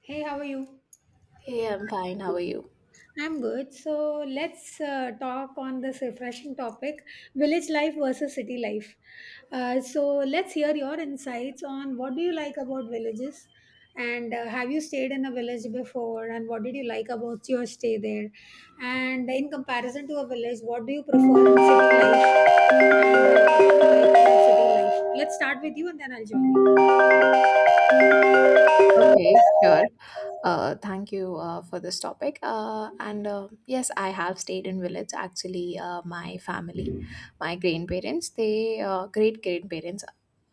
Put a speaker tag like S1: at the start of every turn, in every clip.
S1: Hey, how are you?
S2: Hey, I'm fine. How are you?
S1: I'm good. So let's talk on this refreshing topic, village life versus city life. So let's hear your insights on what do you like about villages, and have you stayed in a village before and what did you like about your stay there? And in comparison to a village, what do you prefer in city life? And what do you like about city life? Let's start with you and then I'll join
S2: Okay,
S1: you.
S2: sure. Thank you for this topic. And yes, I have stayed in village. Actually, my family, my grandparents, they great grandparents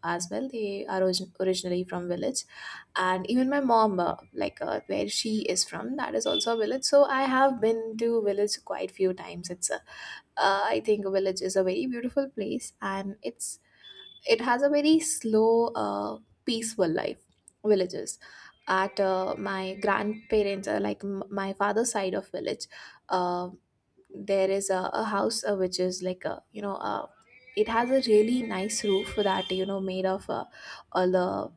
S2: as well. They are originally from village, and even my mom, like where she is from, that is also a village. So I have been to village quite few times. I think a village is a very beautiful place, and it has a very slow, peaceful life. Villages at my grandparents, like my father's side of village, uh, there is a house, which is like a, it has a really nice roof that made of all the,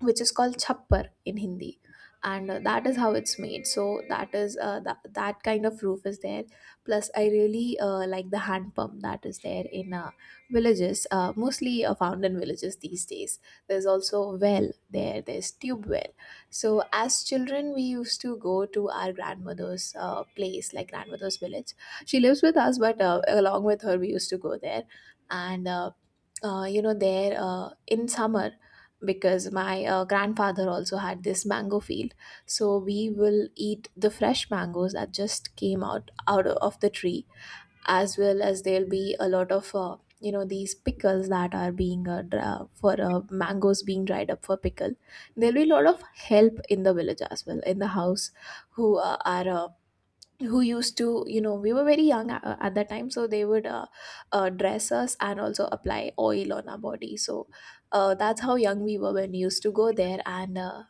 S2: which is called chappar in Hindi, and that is how it's made. So that is that kind of roof is there. Plus, I really like the hand pump that is there in villages, mostly found in villages these days. There's also well there. There's tube well. So as children, we used to go to our grandmother's place, like grandmother's village. She lives with us, but along with her, we used to go there, and. There, in summer, because my grandfather also had this mango field, so we will eat the fresh mangoes that just came out of the tree, as well as there'll be a lot of these pickles that are being dra- for mangoes being dried up for pickle. There'll be a lot of help in the village as well in the house, who are who used to, we were very young at that time, so they would dress us and also apply oil on our body. So that's how young we were when we used to go there, and uh,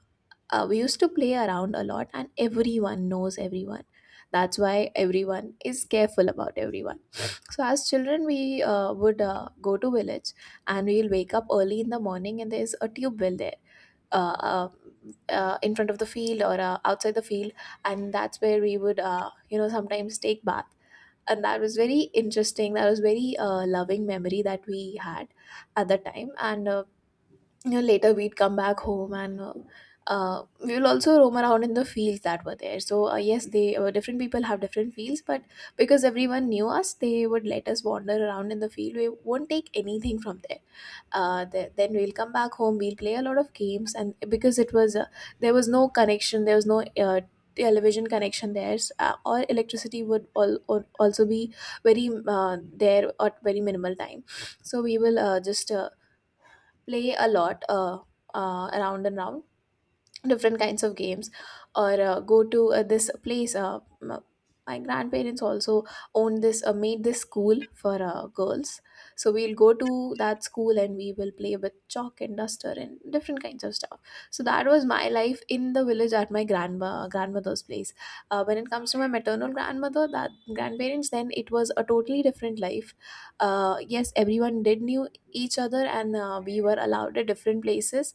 S2: uh, we used to play around a lot, and everyone knows everyone. That's why everyone is careful about everyone. So as children, we would go to village, and we'll wake up early in the morning, and there's a tube well there, uh, uh, in front of the field, or outside the field, and that's where we would, sometimes take bath. And that was very interesting. That was very loving memory that we had at that time. And later we'd come back home, and we will also roam around in the fields that were there. So yes, they different people have different fields, but because everyone knew us, they would let us wander around in the field. We won't take anything from there. Then we'll come back home. We'll play a lot of games. And because it was, there was no connection. There was no television connection. There or electricity would also be very there at very minimal time. So we will just play a lot, around and round, different kinds of games, or go to this place. My grandparents also owned this, made this school for girls. So we'll go to that school, and we will play with chalk and duster and different kinds of stuff. So that was my life in the village, at my grandma grandmother's place. When it comes to my maternal grandmother, that grandparents, then it was a totally different life. Yes, everyone did knew each other, and we were allowed at different places.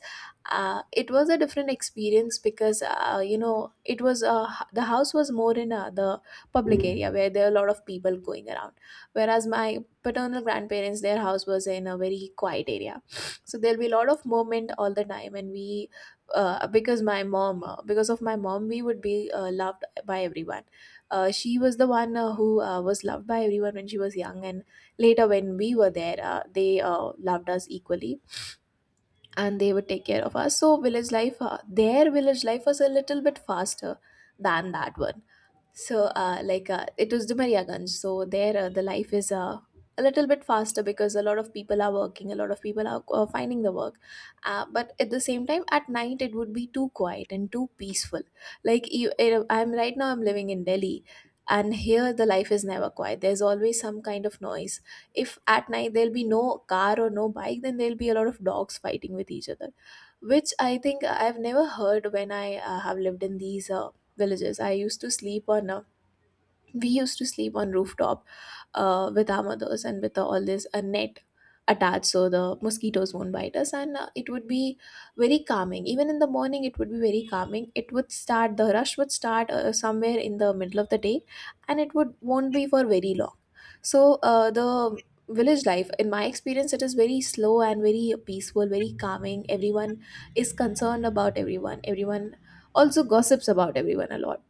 S2: It was a different experience, because it was, the house was more in, the public area where there are a lot of people going around, whereas my paternal grandparents, their house was in a very quiet area. So there'll be a lot of movement all the time, and we, because of my mom, we would be loved by everyone. She was the one who was loved by everyone when she was young, and later when we were there, they loved us equally, and they would take care of us. So village life, their village life was a little bit faster than that one. So, like, it was Dumeriaganj. So there, the life is a little bit faster, because a lot of people are working, a lot of people are finding the work. But at the same time, at night, it would be too quiet and too peaceful. Like, I'm right now, I'm living in Delhi. And here the life is never quiet. There's always some kind of noise. If at night there'll be no car or no bike, then there'll be a lot of dogs fighting with each other, which I think I've never heard when I have lived in these villages. I used to sleep on a, we used to sleep on rooftop with our mothers, and with all this, a net attached so the mosquitoes won't bite us. And it would be very calming. Even in the morning, it would be very calming. It would start The rush would start somewhere in the middle of the day, and it would won't be for very long. So the village life, in my experience, it is very slow and very peaceful, very calming. Everyone is concerned about everyone. Everyone also gossips about everyone a lot.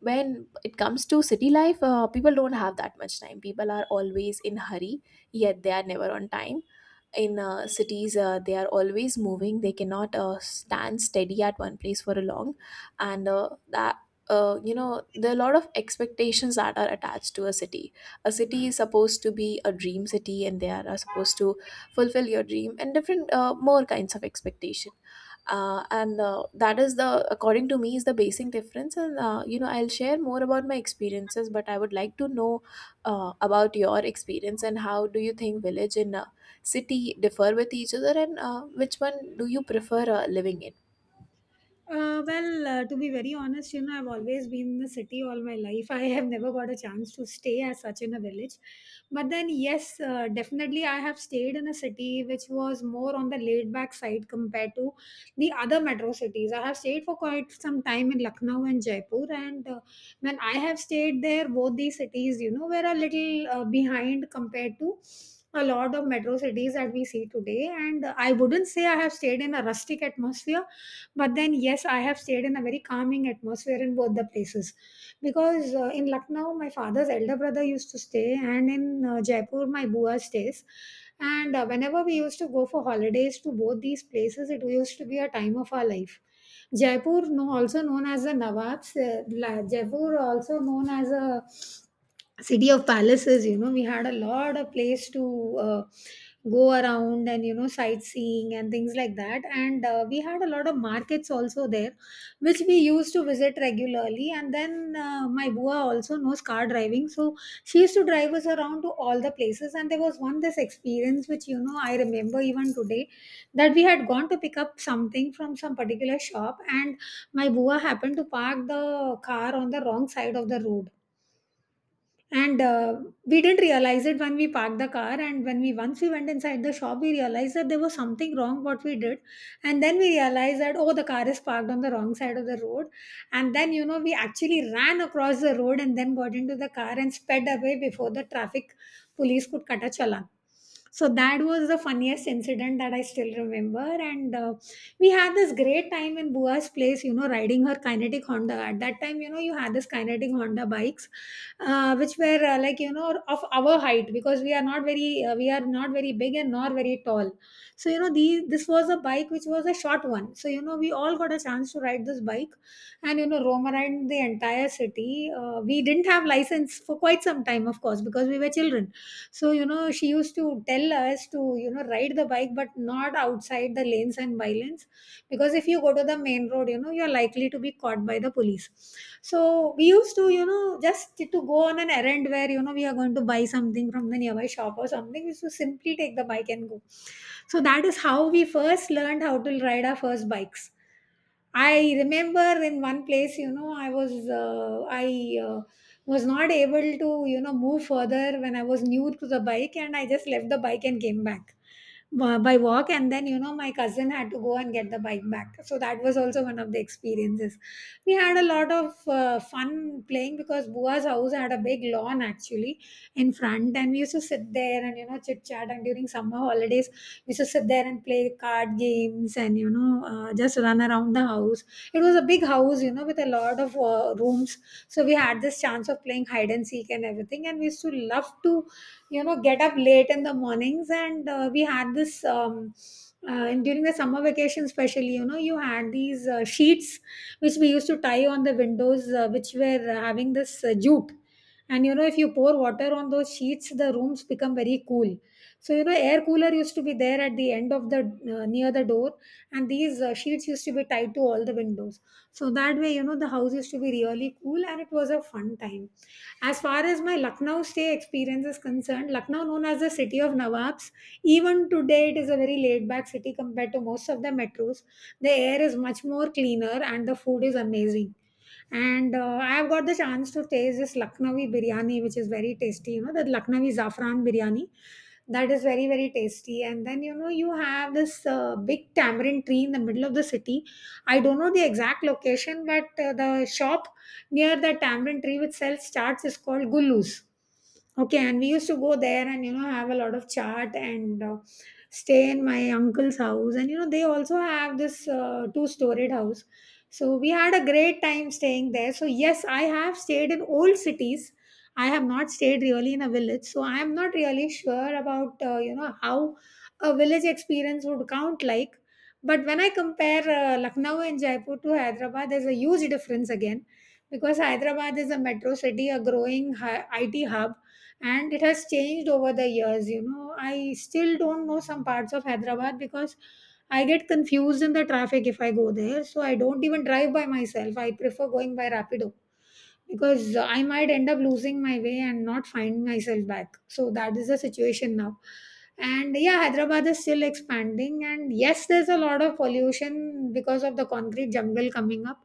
S2: When it comes to city life, people don't have that much time. People are always in hurry, yet they are never on time. In cities, they are always moving. They cannot stand steady at one place for a long. And that there are a lot of expectations that are attached to a city. A city is supposed to be a dream city, and they are supposed to fulfill your dream, and different more kinds of expectation. And that is the, according to me, is the basic difference. And I'll share more about my experiences, but I would like to know about your experience, and how do you think village in city differ with each other, and which one do you prefer living in?
S1: To be very honest, you know, I've always been in the city all my life. I have never got a chance to stay as such in a village. But then, yes, definitely, I have stayed in a city which was more on the laid back side compared to the other metro cities. I have stayed for quite some time in Lucknow and Jaipur. And when I have stayed there, both these cities, you know, were a little behind compared to a lot of metro cities that we see today, and I wouldn't say I have stayed in a rustic atmosphere, but then, yes, I have stayed in a very calming atmosphere in both the places, because in Lucknow, my father's elder brother used to stay, and in Jaipur, my bua stays. And whenever we used to go for holidays to both these places, it used to be a time of our life. Jaipur, no, also known as the Nawabs, Jaipur, also known as a city of palaces. You know, we had a lot of place to go around and, you know, sightseeing and things like that, and we had a lot of markets also there which we used to visit regularly. And then my bua also knows car driving, so she used to drive us around to all the places. And there was one this experience which, you know, I remember even today, that we had gone to pick up something from some particular shop, and my bua happened to park the car on the wrong side of the road. And we didn't realize it when we parked the car, and when we, once we went inside the shop, we realized that there was something wrong what we did. And then we realized that oh, the car is parked on the wrong side of the road. And then, you know, we actually ran across the road and then got into the car and sped away before the traffic police could cut a challan. So that was the funniest incident that I still remember. And we had this great time in bua's place, you know, riding her Kinetic Honda. At that time, you know, you had this Kinetic Honda bikes, which were like, you know, of our height, because we are not very we are not very big and nor very tall. So, you know, the this was a bike which was a short one, so, you know, we all got a chance to ride this bike and, you know, roam around the entire city. We didn't have license for quite some time, of course, because we were children. So, you know, she used to tell us to, you know, ride the bike but not outside the lanes and by lanes, because if you go to the main road, you know, you're likely to be caught by the police. So we used to, you know, just to go on an errand where, you know, we are going to buy something from the nearby shop or something, we used to simply take the bike and go. So that is how we first learned how to ride our first bikes. I remember in one place, you know, I was not able to, you know, move further when I was new to the bike, and I just left the bike and came back by walk. And then, you know, my cousin had to go and get the bike back. So that was also one of the experiences. We had a lot of fun playing, because bua's house had a big lawn actually in front, and we used to sit there and, you know, chit chat. And during summer holidays, we used to sit there and play card games and, you know, just run around the house. It was a big house, you know, with a lot of rooms. So we had this chance of playing hide and seek and everything. And we used to love to, you know, get up late in the mornings. And we had this and during the summer vacation especially, you know, you had these sheets which we used to tie on the windows, which were having this jute. And you know, if you pour water on those sheets, the rooms become very cool. So, you know, air cooler used to be there at the end of the near the door, and these sheets used to be tied to all the windows. So that way, you know, the house used to be really cool, and it was a fun time. As far as my Lucknow stay experience is concerned, Lucknow, known as the city of Nawabs, even today it is a very laid back city compared to most of the metros. The air is much more cleaner and the food is amazing. And I have got the chance to taste this Lucknowi biryani, which is very tasty. You know, the Lucknowi saffron biryani. That is very, very tasty. And then, you know, you have this big tamarind tree in the middle of the city. I don't know the exact location, but the shop near the tamarind tree which sells charts is called Gullu's. Okay, and we used to go there and, you know, have a lot of chat and stay in my uncle's house. And you know, they also have this two-storied house, so we had a great time staying there. So yes, I have stayed in old cities. I have not stayed really in a village, so I am not really sure about you know how a village experience would count like. But when I compare Lucknow and Jaipur to Hyderabad, there's a huge difference again, because Hyderabad is a metro city, a growing IT hub, and it has changed over the years. You know, I still don't know some parts of Hyderabad, because I get confused in the traffic if I go there, so I don't even drive by myself. I prefer going by Rapido, because I might end up losing my way and not find myself back. So that is the situation now. And yeah, Hyderabad is still expanding. And yes, there's a lot of pollution because of the concrete jungle coming up.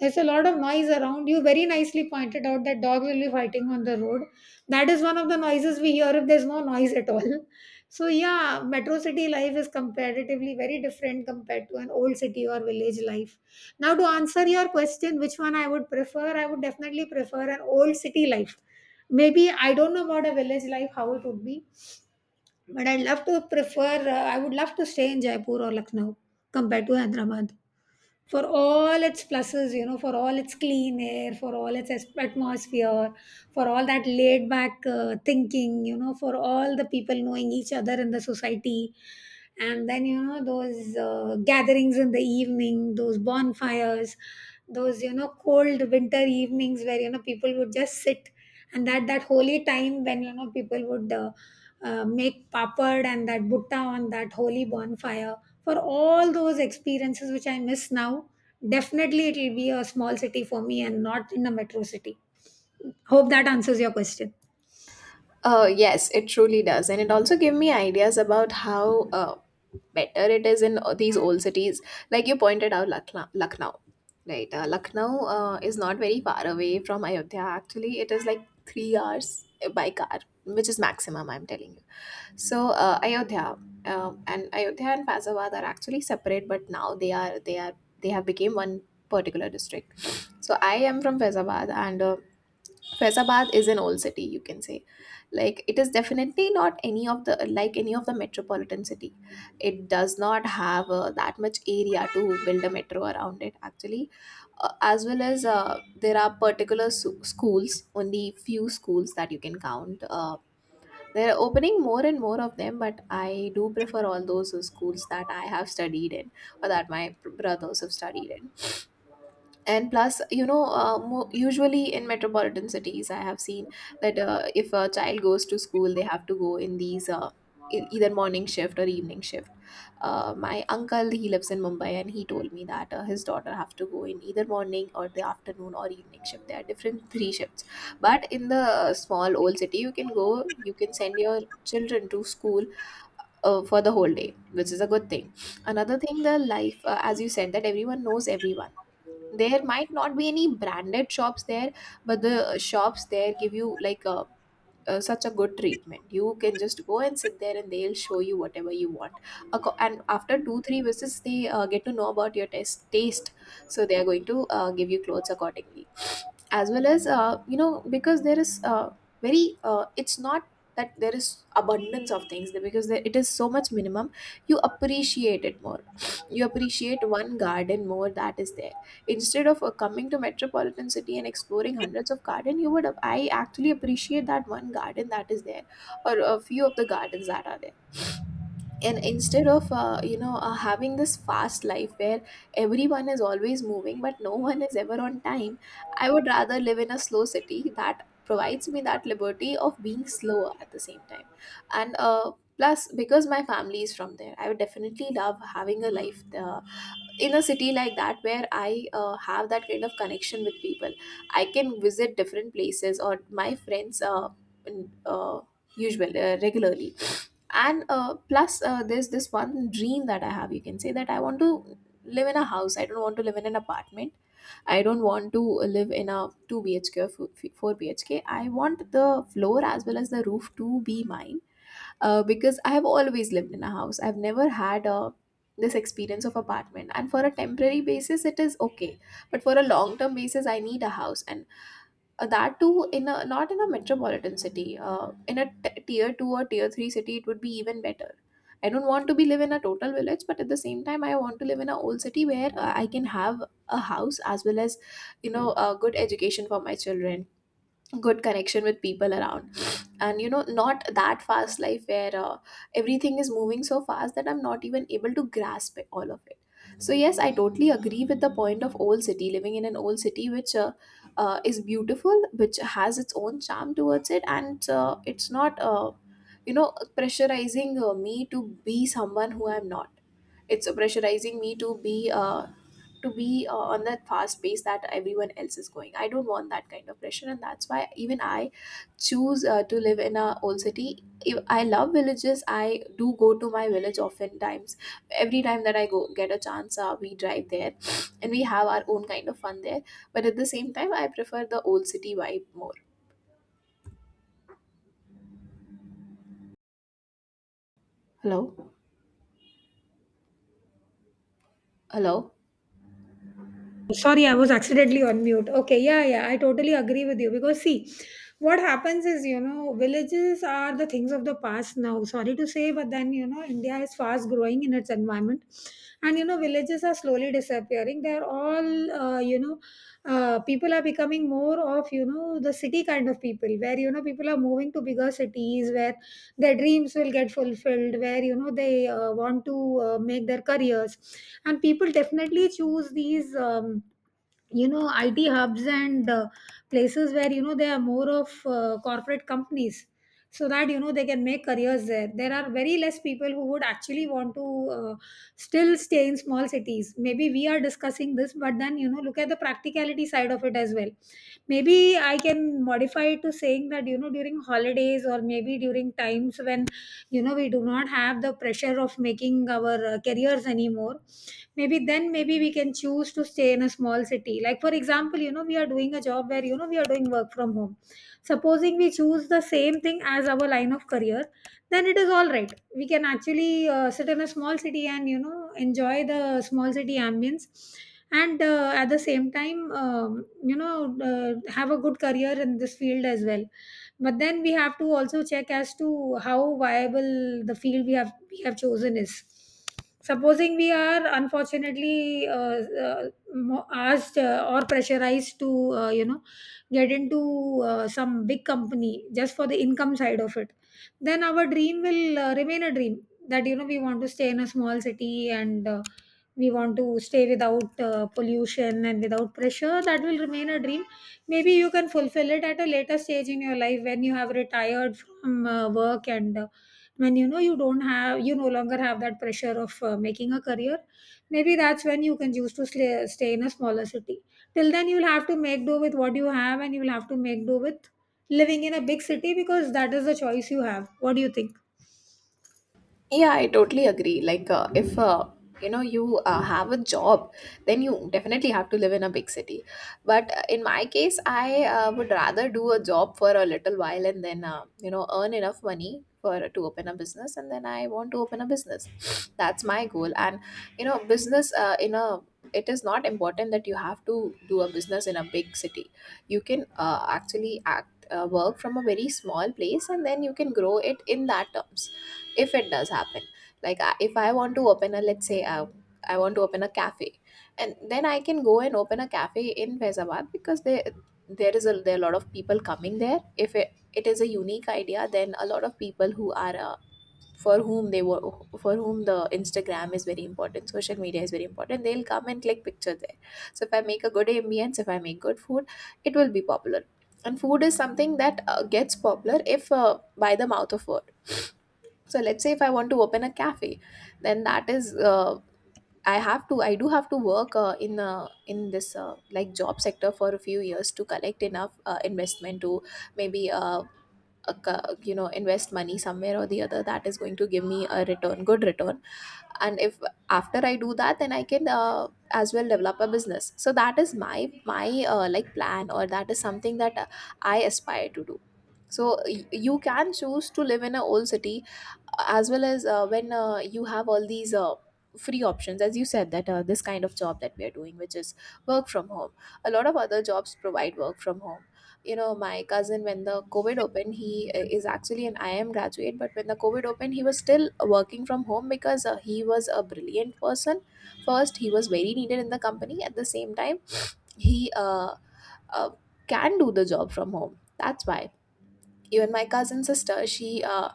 S1: There's a lot of noise around. You very nicely pointed out that dog will be fighting on the road. That is one of the noises we hear if there's no noise at all. So yeah, metro city life is comparatively very different compared to an old city or village life. Now, to answer your question, which one I would prefer, I would definitely prefer an old city life. Maybe I don't know about a village life, how it would be, but I'd love to prefer, I would love to stay in Jaipur or Lucknow compared to Hyderabad, for all its pluses, you know, for all its clean air, for all its atmosphere, for all that laid back thinking, you know, for all the people knowing each other in the society. And then, you know, those gatherings in the evening, those bonfires, those, you know, cold winter evenings where, you know, people would just sit. And that, that holy time when, you know, people would make papad and that butta on that holy bonfire. For all those experiences which I miss now, definitely it will be a small city for me and not in a metro city. Hope that answers your question.
S2: Yes, it truly does. And it also gave me ideas about how better it is in these old cities. Like you pointed out, Lucknow. Lucknow, right. Lucknow is not very far away from Ayodhya. Actually, it is like 3 hours by car, which is maximum, I'm telling you. So Ayodhya and Faisalabad are actually separate, but now they have become one particular district. So I am from Faisalabad, and Faisalabad is an old city, you can say. Like it is definitely not any of the metropolitan city. It does not have that much area to build a metro around it. Actually, as well as, there are particular schools, only few schools that you can count. They're opening more and more of them, but I do prefer all those schools that I have studied in, or that my brothers have studied in. And plus, usually in metropolitan cities, I have seen that if a child goes to school, they have to go in these either morning shift or evening shift. My uncle, he lives in Mumbai, and he told me that his daughter have to go in either morning, or the afternoon, or evening shift. There are different three shifts. But in the small old city, you can go, you can send your children to school for the whole day, which is a good thing. Another thing, the life, as you said, that everyone knows everyone. There might not be any branded shops there, but the shops there give you like, a such a good treatment. You can just go and sit there, and they'll show you whatever you want. And after two three visits, they get to know about your taste. So they are going to give you clothes accordingly, as well as, because there is, very it's not that there is abundance of things because there, it is so much minimum. You appreciate it more. You appreciate one garden more that is there, instead of coming to metropolitan city and exploring hundreds of garden. You would I actually appreciate that one garden that is there, or a few of the gardens that are there. And instead of having this fast Life where everyone is always moving but no one is ever on time. I would rather live in a slow city that provides me that liberty of being slower at the same time. And plus because my family is from there, I would definitely love having a life in a city like that where I have that kind of connection with people. I can visit different places or my friends in- uh, usually regularly. And plus there's this one dream that I have, you can say, that I want to live in a house. I don't want to live in an apartment. I don't want to live in a 2 bhk or 4 bhk. I want the floor as well as the roof to be mine. Because I have always lived in a house, I've never had a this experience of apartment, and for a temporary basis it is okay, but for a long term basis I need a house. And that too in a, not in a metropolitan city. In a tier two or tier three city, it would be even better. I don't want to be live in a total village, but at the same time, I want to live in a old city where I can have a house as well as, you know, a good education for my children, good connection with people around, and you know, not that fast life where everything is moving so fast that I'm not even able to grasp it, all of it. So yes, I totally agree with the point of old city, living in an old city, which is beautiful, which has its own charm towards it, and it's not you know, pressurizing me to be someone who I'm not. It's pressurizing me to be on that fast pace that everyone else is going. I don't want that kind of pressure, and that's why even I choose to live in a old city. If I love villages, I do go to my village oftentimes. Every time that I go get a chance, we drive there, and we have our own kind of fun there. But at the same time, I prefer the old city vibe more. Hello, hello.
S1: Sorry, I was accidentally on mute. Okay, yeah, yeah, I totally agree with you, because see, what happens is, you know, villages are the things of the past now. Sorry to say, but then, you know, India is fast growing in its environment. And, you know, villages are slowly disappearing. They're all, people are becoming more of, you know, the city kind of people where, you know, people are moving to bigger cities where their dreams will get fulfilled, where they want to make their careers. And people definitely choose these you know, IT hubs and places where, you know, they are more of corporate companies, so that, you know, they can make careers there. There are very less people who would actually want to still stay in small cities. Maybe we are discussing this, but then, you know, look at the practicality side of it as well. Maybe I can modify it to saying that, you know, during holidays or maybe during times when, you know, we do not have the pressure of making our careers anymore, maybe then, maybe we can choose to stay in a small city. Like for example, you know, we are doing a job where, you know, we are doing work from home. Supposing we choose the same thing as our line of career, then it is all right. We can actually sit in a small city and, you know, enjoy the small city ambience and at the same time, have a good career in this field as well. But then we have to also check as to how viable the field we have chosen is. Supposing we are unfortunately uh, asked or pressurized to, you know, get into some big company just for the income side of it, then our dream will remain a dream. That, you know, we want to stay in a small city and we want to stay without pollution and without pressure, that will remain a dream. Maybe you can fulfill it at a later stage in your life when you have retired from work, and when you know you don't have you no longer have that pressure of making a career. Maybe that's when you can choose to stay in a smaller city. Till then, you'll have to make do with what you have, and you'll have to make do with living in a big city because that is the choice you have. What do you think?
S2: Yeah, I totally agree. Like, if you know, you have a job, then you definitely have to live in a big city. But in my case, I would rather do a job for a little while, and then you know, earn enough money for to open a business, and then I want to open a business. That's my goal. And you know, business in a it is not important that you have to do a business in a big city. You can actually act work from a very small place, and then you can grow it in that terms, if it does happen. Like, if I want to open a, let's say, I want to open a cafe, and then I can go and open a cafe in Faizabad because they there is a there are a lot of people coming there. If it is a unique idea, then a lot of people who are for whom they were for whom the Instagram is very important, social media is very important, they'll come and click picture there. So if I make a good ambience, if I make good food, it will be popular. And food is something that gets popular if by the mouth of word. So let's say if I want to open a cafe, then that is I do have to work in this like job sector for a few years to collect enough investment to maybe you know, invest money somewhere or the other that is going to give me a return, good return. And if after I do that, then I can as well develop a business. So that is my like plan, or that is something that I aspire to do. So you can choose to live in an old city as well, as when you have all these free options, as you said, that this kind of job that we are doing, which is work from home. A lot of other jobs provide work from home. You know, my cousin, when the covid opened, he is actually an IIM graduate, but when the covid opened, he was still working from home because he was a brilliant person. First, he was very needed in the company. At the same time, he uh, can do the job from home, that's why. Even my cousin sister, uh,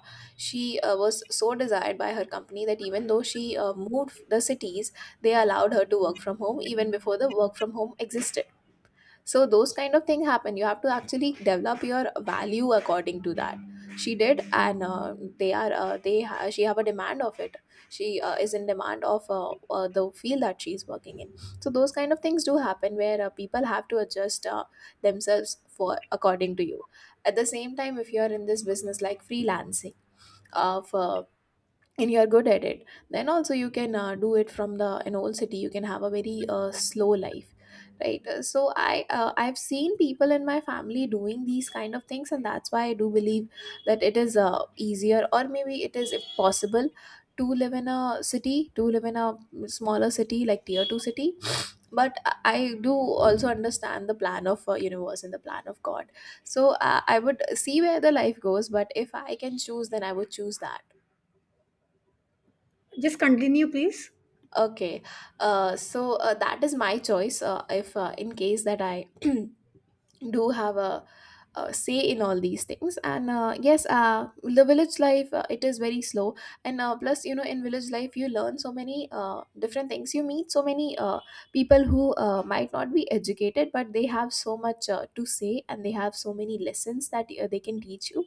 S2: she was so desired by her company that even though she moved the cities, they allowed her to work from home even before the work from home existed. So those kind of thing happen. You have to actually develop your value according to that. She did, and they are they ha- she have a demand of it. She is in demand of the field that she is working in. So those kind of things do happen where people have to adjust themselves for, according to you. At the same time, if you are in this business like freelancing of and you are good at it, then also you can do it from the an old city. You can have a very slow life, right? So I've seen people in my family doing these kind of things, and that's why I do believe that it is easier, or maybe it is possible to live in a city, to live in a smaller city like tier 2 city. But I do also understand the plan of universe and the plan of god. So I would see where the life goes, but if I can choose, then I would choose that.
S1: Just continue, please.
S2: Okay, so that is my choice. If in case that I do have a, say in all these things. And yes, the village life, it is very slow, and plus, you know, in village life you learn so many different things. You meet so many people who might not be educated, but they have so much to say, and they have so many lessons that they can teach you.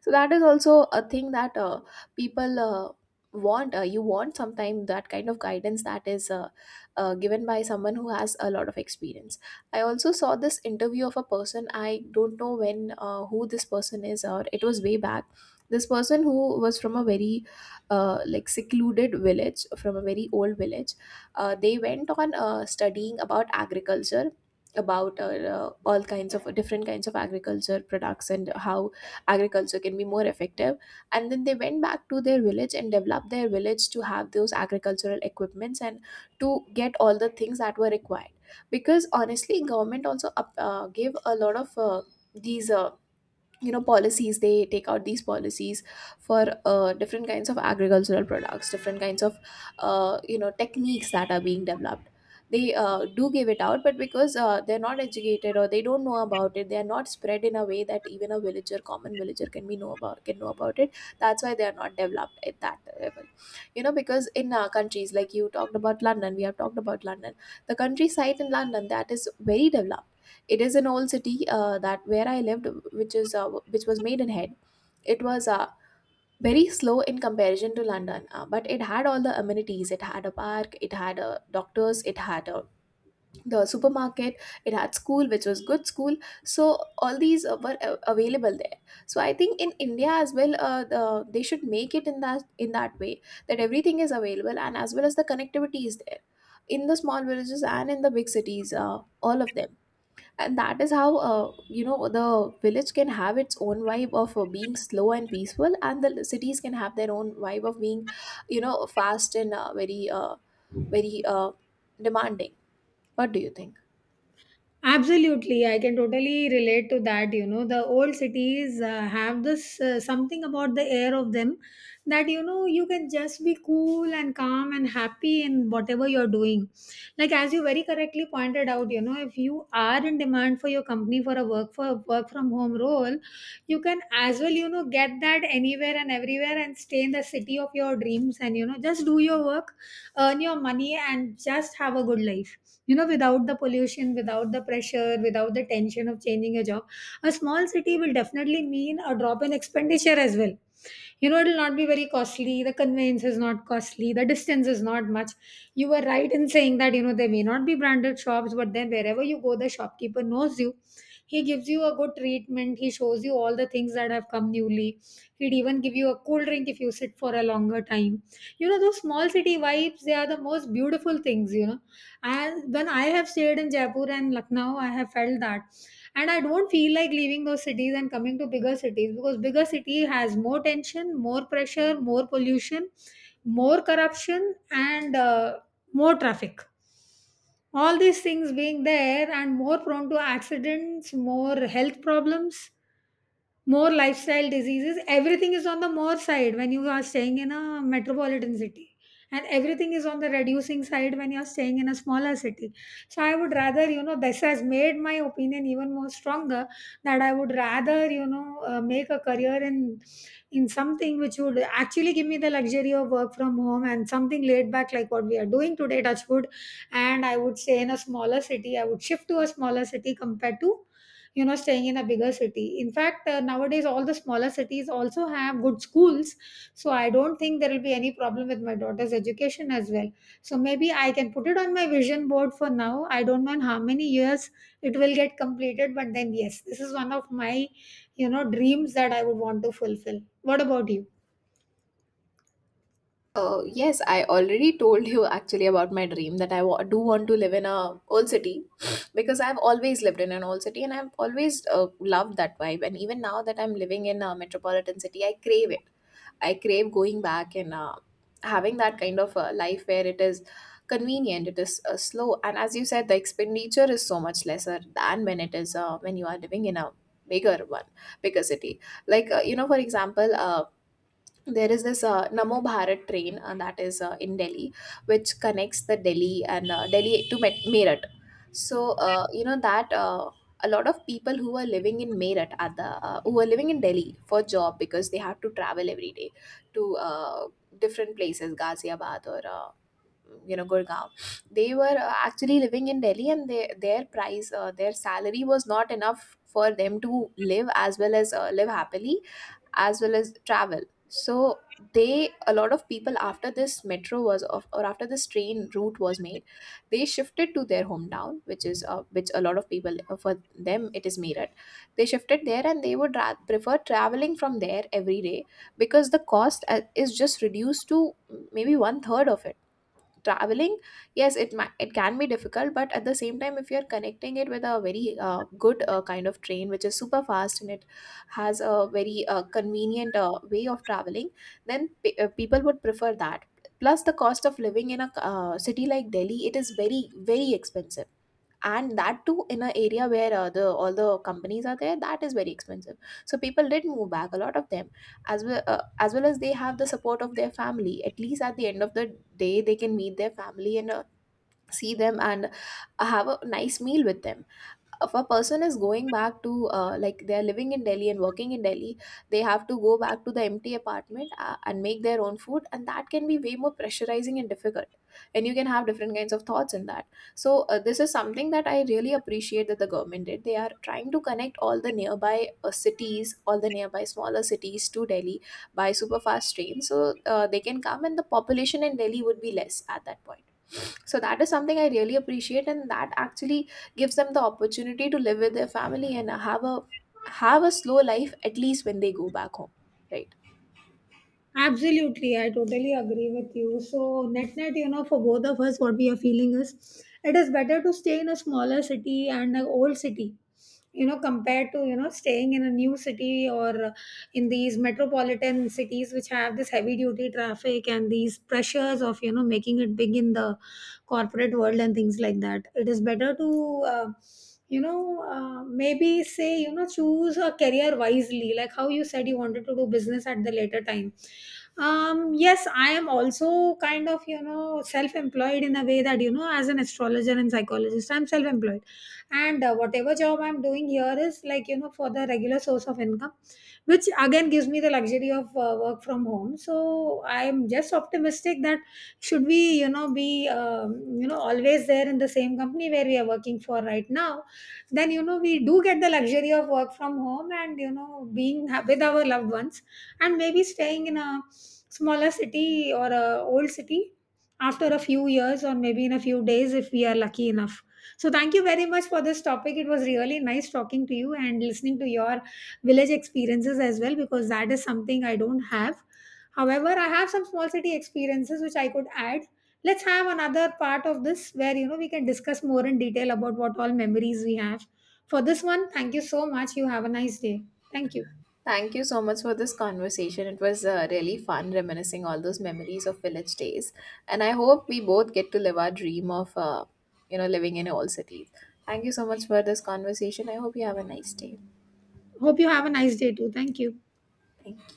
S2: So that is also a thing that people want, you want sometimes that kind of guidance that is given by someone who has a lot of experience. I also saw this interview of a person, I don't know when who this person is, or it was way back. This person who was from a very like secluded village, from a very old village, they went on studying about agriculture, about all kinds of different kinds of agriculture products, and how agriculture can be more effective. And then they went back to their village and developed their village to have those agricultural equipments, and to get all the things that were required. Because honestly, government also gave a lot of these you know, policies. They take out these policies for different kinds of agricultural products, different kinds of you know, techniques that are being developed. They do give it out, but because they're not educated or they don't know about it, they are not spread in a way that even a villager common villager can be know about can know about it. That's why they are not developed at that level. You know, because in countries like, you talked about London, we have talked about London, the countryside in London, that is very developed. It is an old city that where I lived, which is which was Maidenhead. It was very slow in comparison to London, but it had all the amenities. It had a park, it had doctors, it had the supermarket, it had school, which was good school. So all these were available there. So I think in India as well, they should make it in that way that everything is available and as well as the connectivity is there in the small villages and in the big cities, all of them. And that is how, you know, the village can have its own vibe of being slow and peaceful, and the cities can have their own vibe of being, you know, fast and very very demanding. What do you think?
S1: Absolutely, I can totally relate to that. You know, the old cities have this, something about the air of them that, you know, you can just be cool and calm and happy in whatever you're doing. Like, as you very correctly pointed out, you know, if you are in demand for your company for a work from home role, you can, as well, you know, get that anywhere and everywhere and stay in the city of your dreams and, you know, just do your work, earn your money, and just have a good life, you know, without the pollution, without the pressure, without the tension of changing a job. A small city will definitely mean a drop in expenditure as well. You know, it'll not be very costly, the conveyance is not costly, the distance is not much. You were right in saying that, you know, there may not be branded shops, but then wherever you go, the shopkeeper knows you. He gives you a good treatment, he shows you all the things that have come newly. He'd even give you a cool drink if you sit for a longer time. You know, those small city vibes, they are the most beautiful things, you know. And when I have stayed in Jaipur and Lucknow, I have felt that. And I don't feel like leaving those cities and coming to bigger cities, because bigger city has more tension, more pressure, more pollution, more corruption, and more traffic. All these things being there, and more prone to accidents, more health problems, more lifestyle diseases. Everything is on the more side when you are staying in a metropolitan city, and everything is on the reducing side when you are staying in a smaller city. So I would rather, you know, this has made my opinion even more stronger, that I would rather, you know, make a career in something which would actually give me the luxury of work from home, and something laid back like what we are doing today, touchwood. And I would stay in a smaller city, I would shift to a smaller city compared to, you know, staying in a bigger city. In fact, nowadays all the smaller cities also have good schools, so I don't think there will be any problem with my daughter's education as well. So maybe I can put it on my vision board. For now, I don't know in how many years it will get completed, but then yes, this is one of my, you know, dreams that I would want to fulfill. What about you?
S2: Yes, I already told you actually about my dream, that do want to live in a old city. Because I've always lived in an old city and I've always, loved that vibe. And even now that I'm living in a metropolitan city, I crave it. I crave going back and having that kind of a life where it is convenient, it is slow, and as you said, the expenditure is so much lesser than when it is when you are living in a bigger one, bigger city. Like, you know, for example. There is this Namo Bharat train that is in Delhi, which connects the Delhi and Delhi to Meerut. So you know that, a lot of people who are living in Meerut at the who are living in Delhi for job, because they have to travel every day to, different places, Ghaziabad, or. You know, Gurgaon. They were actually living in Delhi and their price their salary was not enough for them to live, as well as live happily as well as travel. So they, a lot of people, after this metro was of, or after this train route was made, they shifted to their hometown, which is which a lot of people, for them it is Meerut. They shifted there, and they would prefer traveling from there every day, because the cost is just reduced to maybe one third of it. Traveling, yes, it might, it can be difficult, but at the same time, if you're connecting it with a very good kind of train which is super fast, and it has a very convenient way of traveling, then people would prefer that. Plus the cost of living in a city like Delhi, it is very, very expensive. And that too in an area where, the all the companies are there, that is very expensive. So people did move back, a lot of them, as well as they have the support of their family. At least at the end of the day, they can meet their family and see them and have a nice meal with them. If a person is going back to, like they are living in Delhi and working in Delhi, they have to go back to the empty apartment, and make their own food, and that can be way more pressurizing and difficult, and you can have different kinds of thoughts in that. So this is something that I really appreciate, that the government did. They are trying to connect all the nearby cities, all the nearby smaller cities, to Delhi by super fast train, so they can come, and the population in Delhi would be less at that point. So that is something I really appreciate, and that actually gives them the opportunity to live with their family and have a, have a slow life, at least when they go back home. Right.
S1: Absolutely, I totally agree with you. So, net net, you know, for both of us, what we are feeling is it is better to stay in a smaller city and an old city, you know, compared to, you know, staying in a new city or, in these metropolitan cities which have this heavy duty traffic and these pressures of, you know, making it big in the corporate world and things like that. It is better to, you know, maybe say, you know, choose a career wisely, like how you said you wanted to do business at the later time. Um, yes, I am also kind of, you know, self-employed, in a way that, you know, as an astrologer and psychologist, I'm self-employed. And whatever job I'm doing here is like, you know, for the regular source of income, which again gives me the luxury of work from home. So I'm just optimistic that should we, you know, be you know, always there in the same company where we are working for right now, then, you know, we do get the luxury of work from home and, you know, being with our loved ones, and maybe staying in a smaller city or a old city after a few years, or maybe in a few days if we are lucky enough. So thank you very much for this topic. It was really nice talking to you and listening to your village experiences as well, because that is something I don't have. However, I have some small city experiences which I could add. Let's have another part of this where, you know, we can discuss more in detail about what all memories we have. For this one, thank you so much. You have a nice day. Thank you.
S2: Thank you so much for this conversation. It was really fun reminiscing all those memories of village days, and I hope we both get to live our dream of, you know, living in all cities. Thank you so much for this conversation. I hope you have a nice day.
S1: Hope you have a nice day too. Thank you.
S2: Thank you.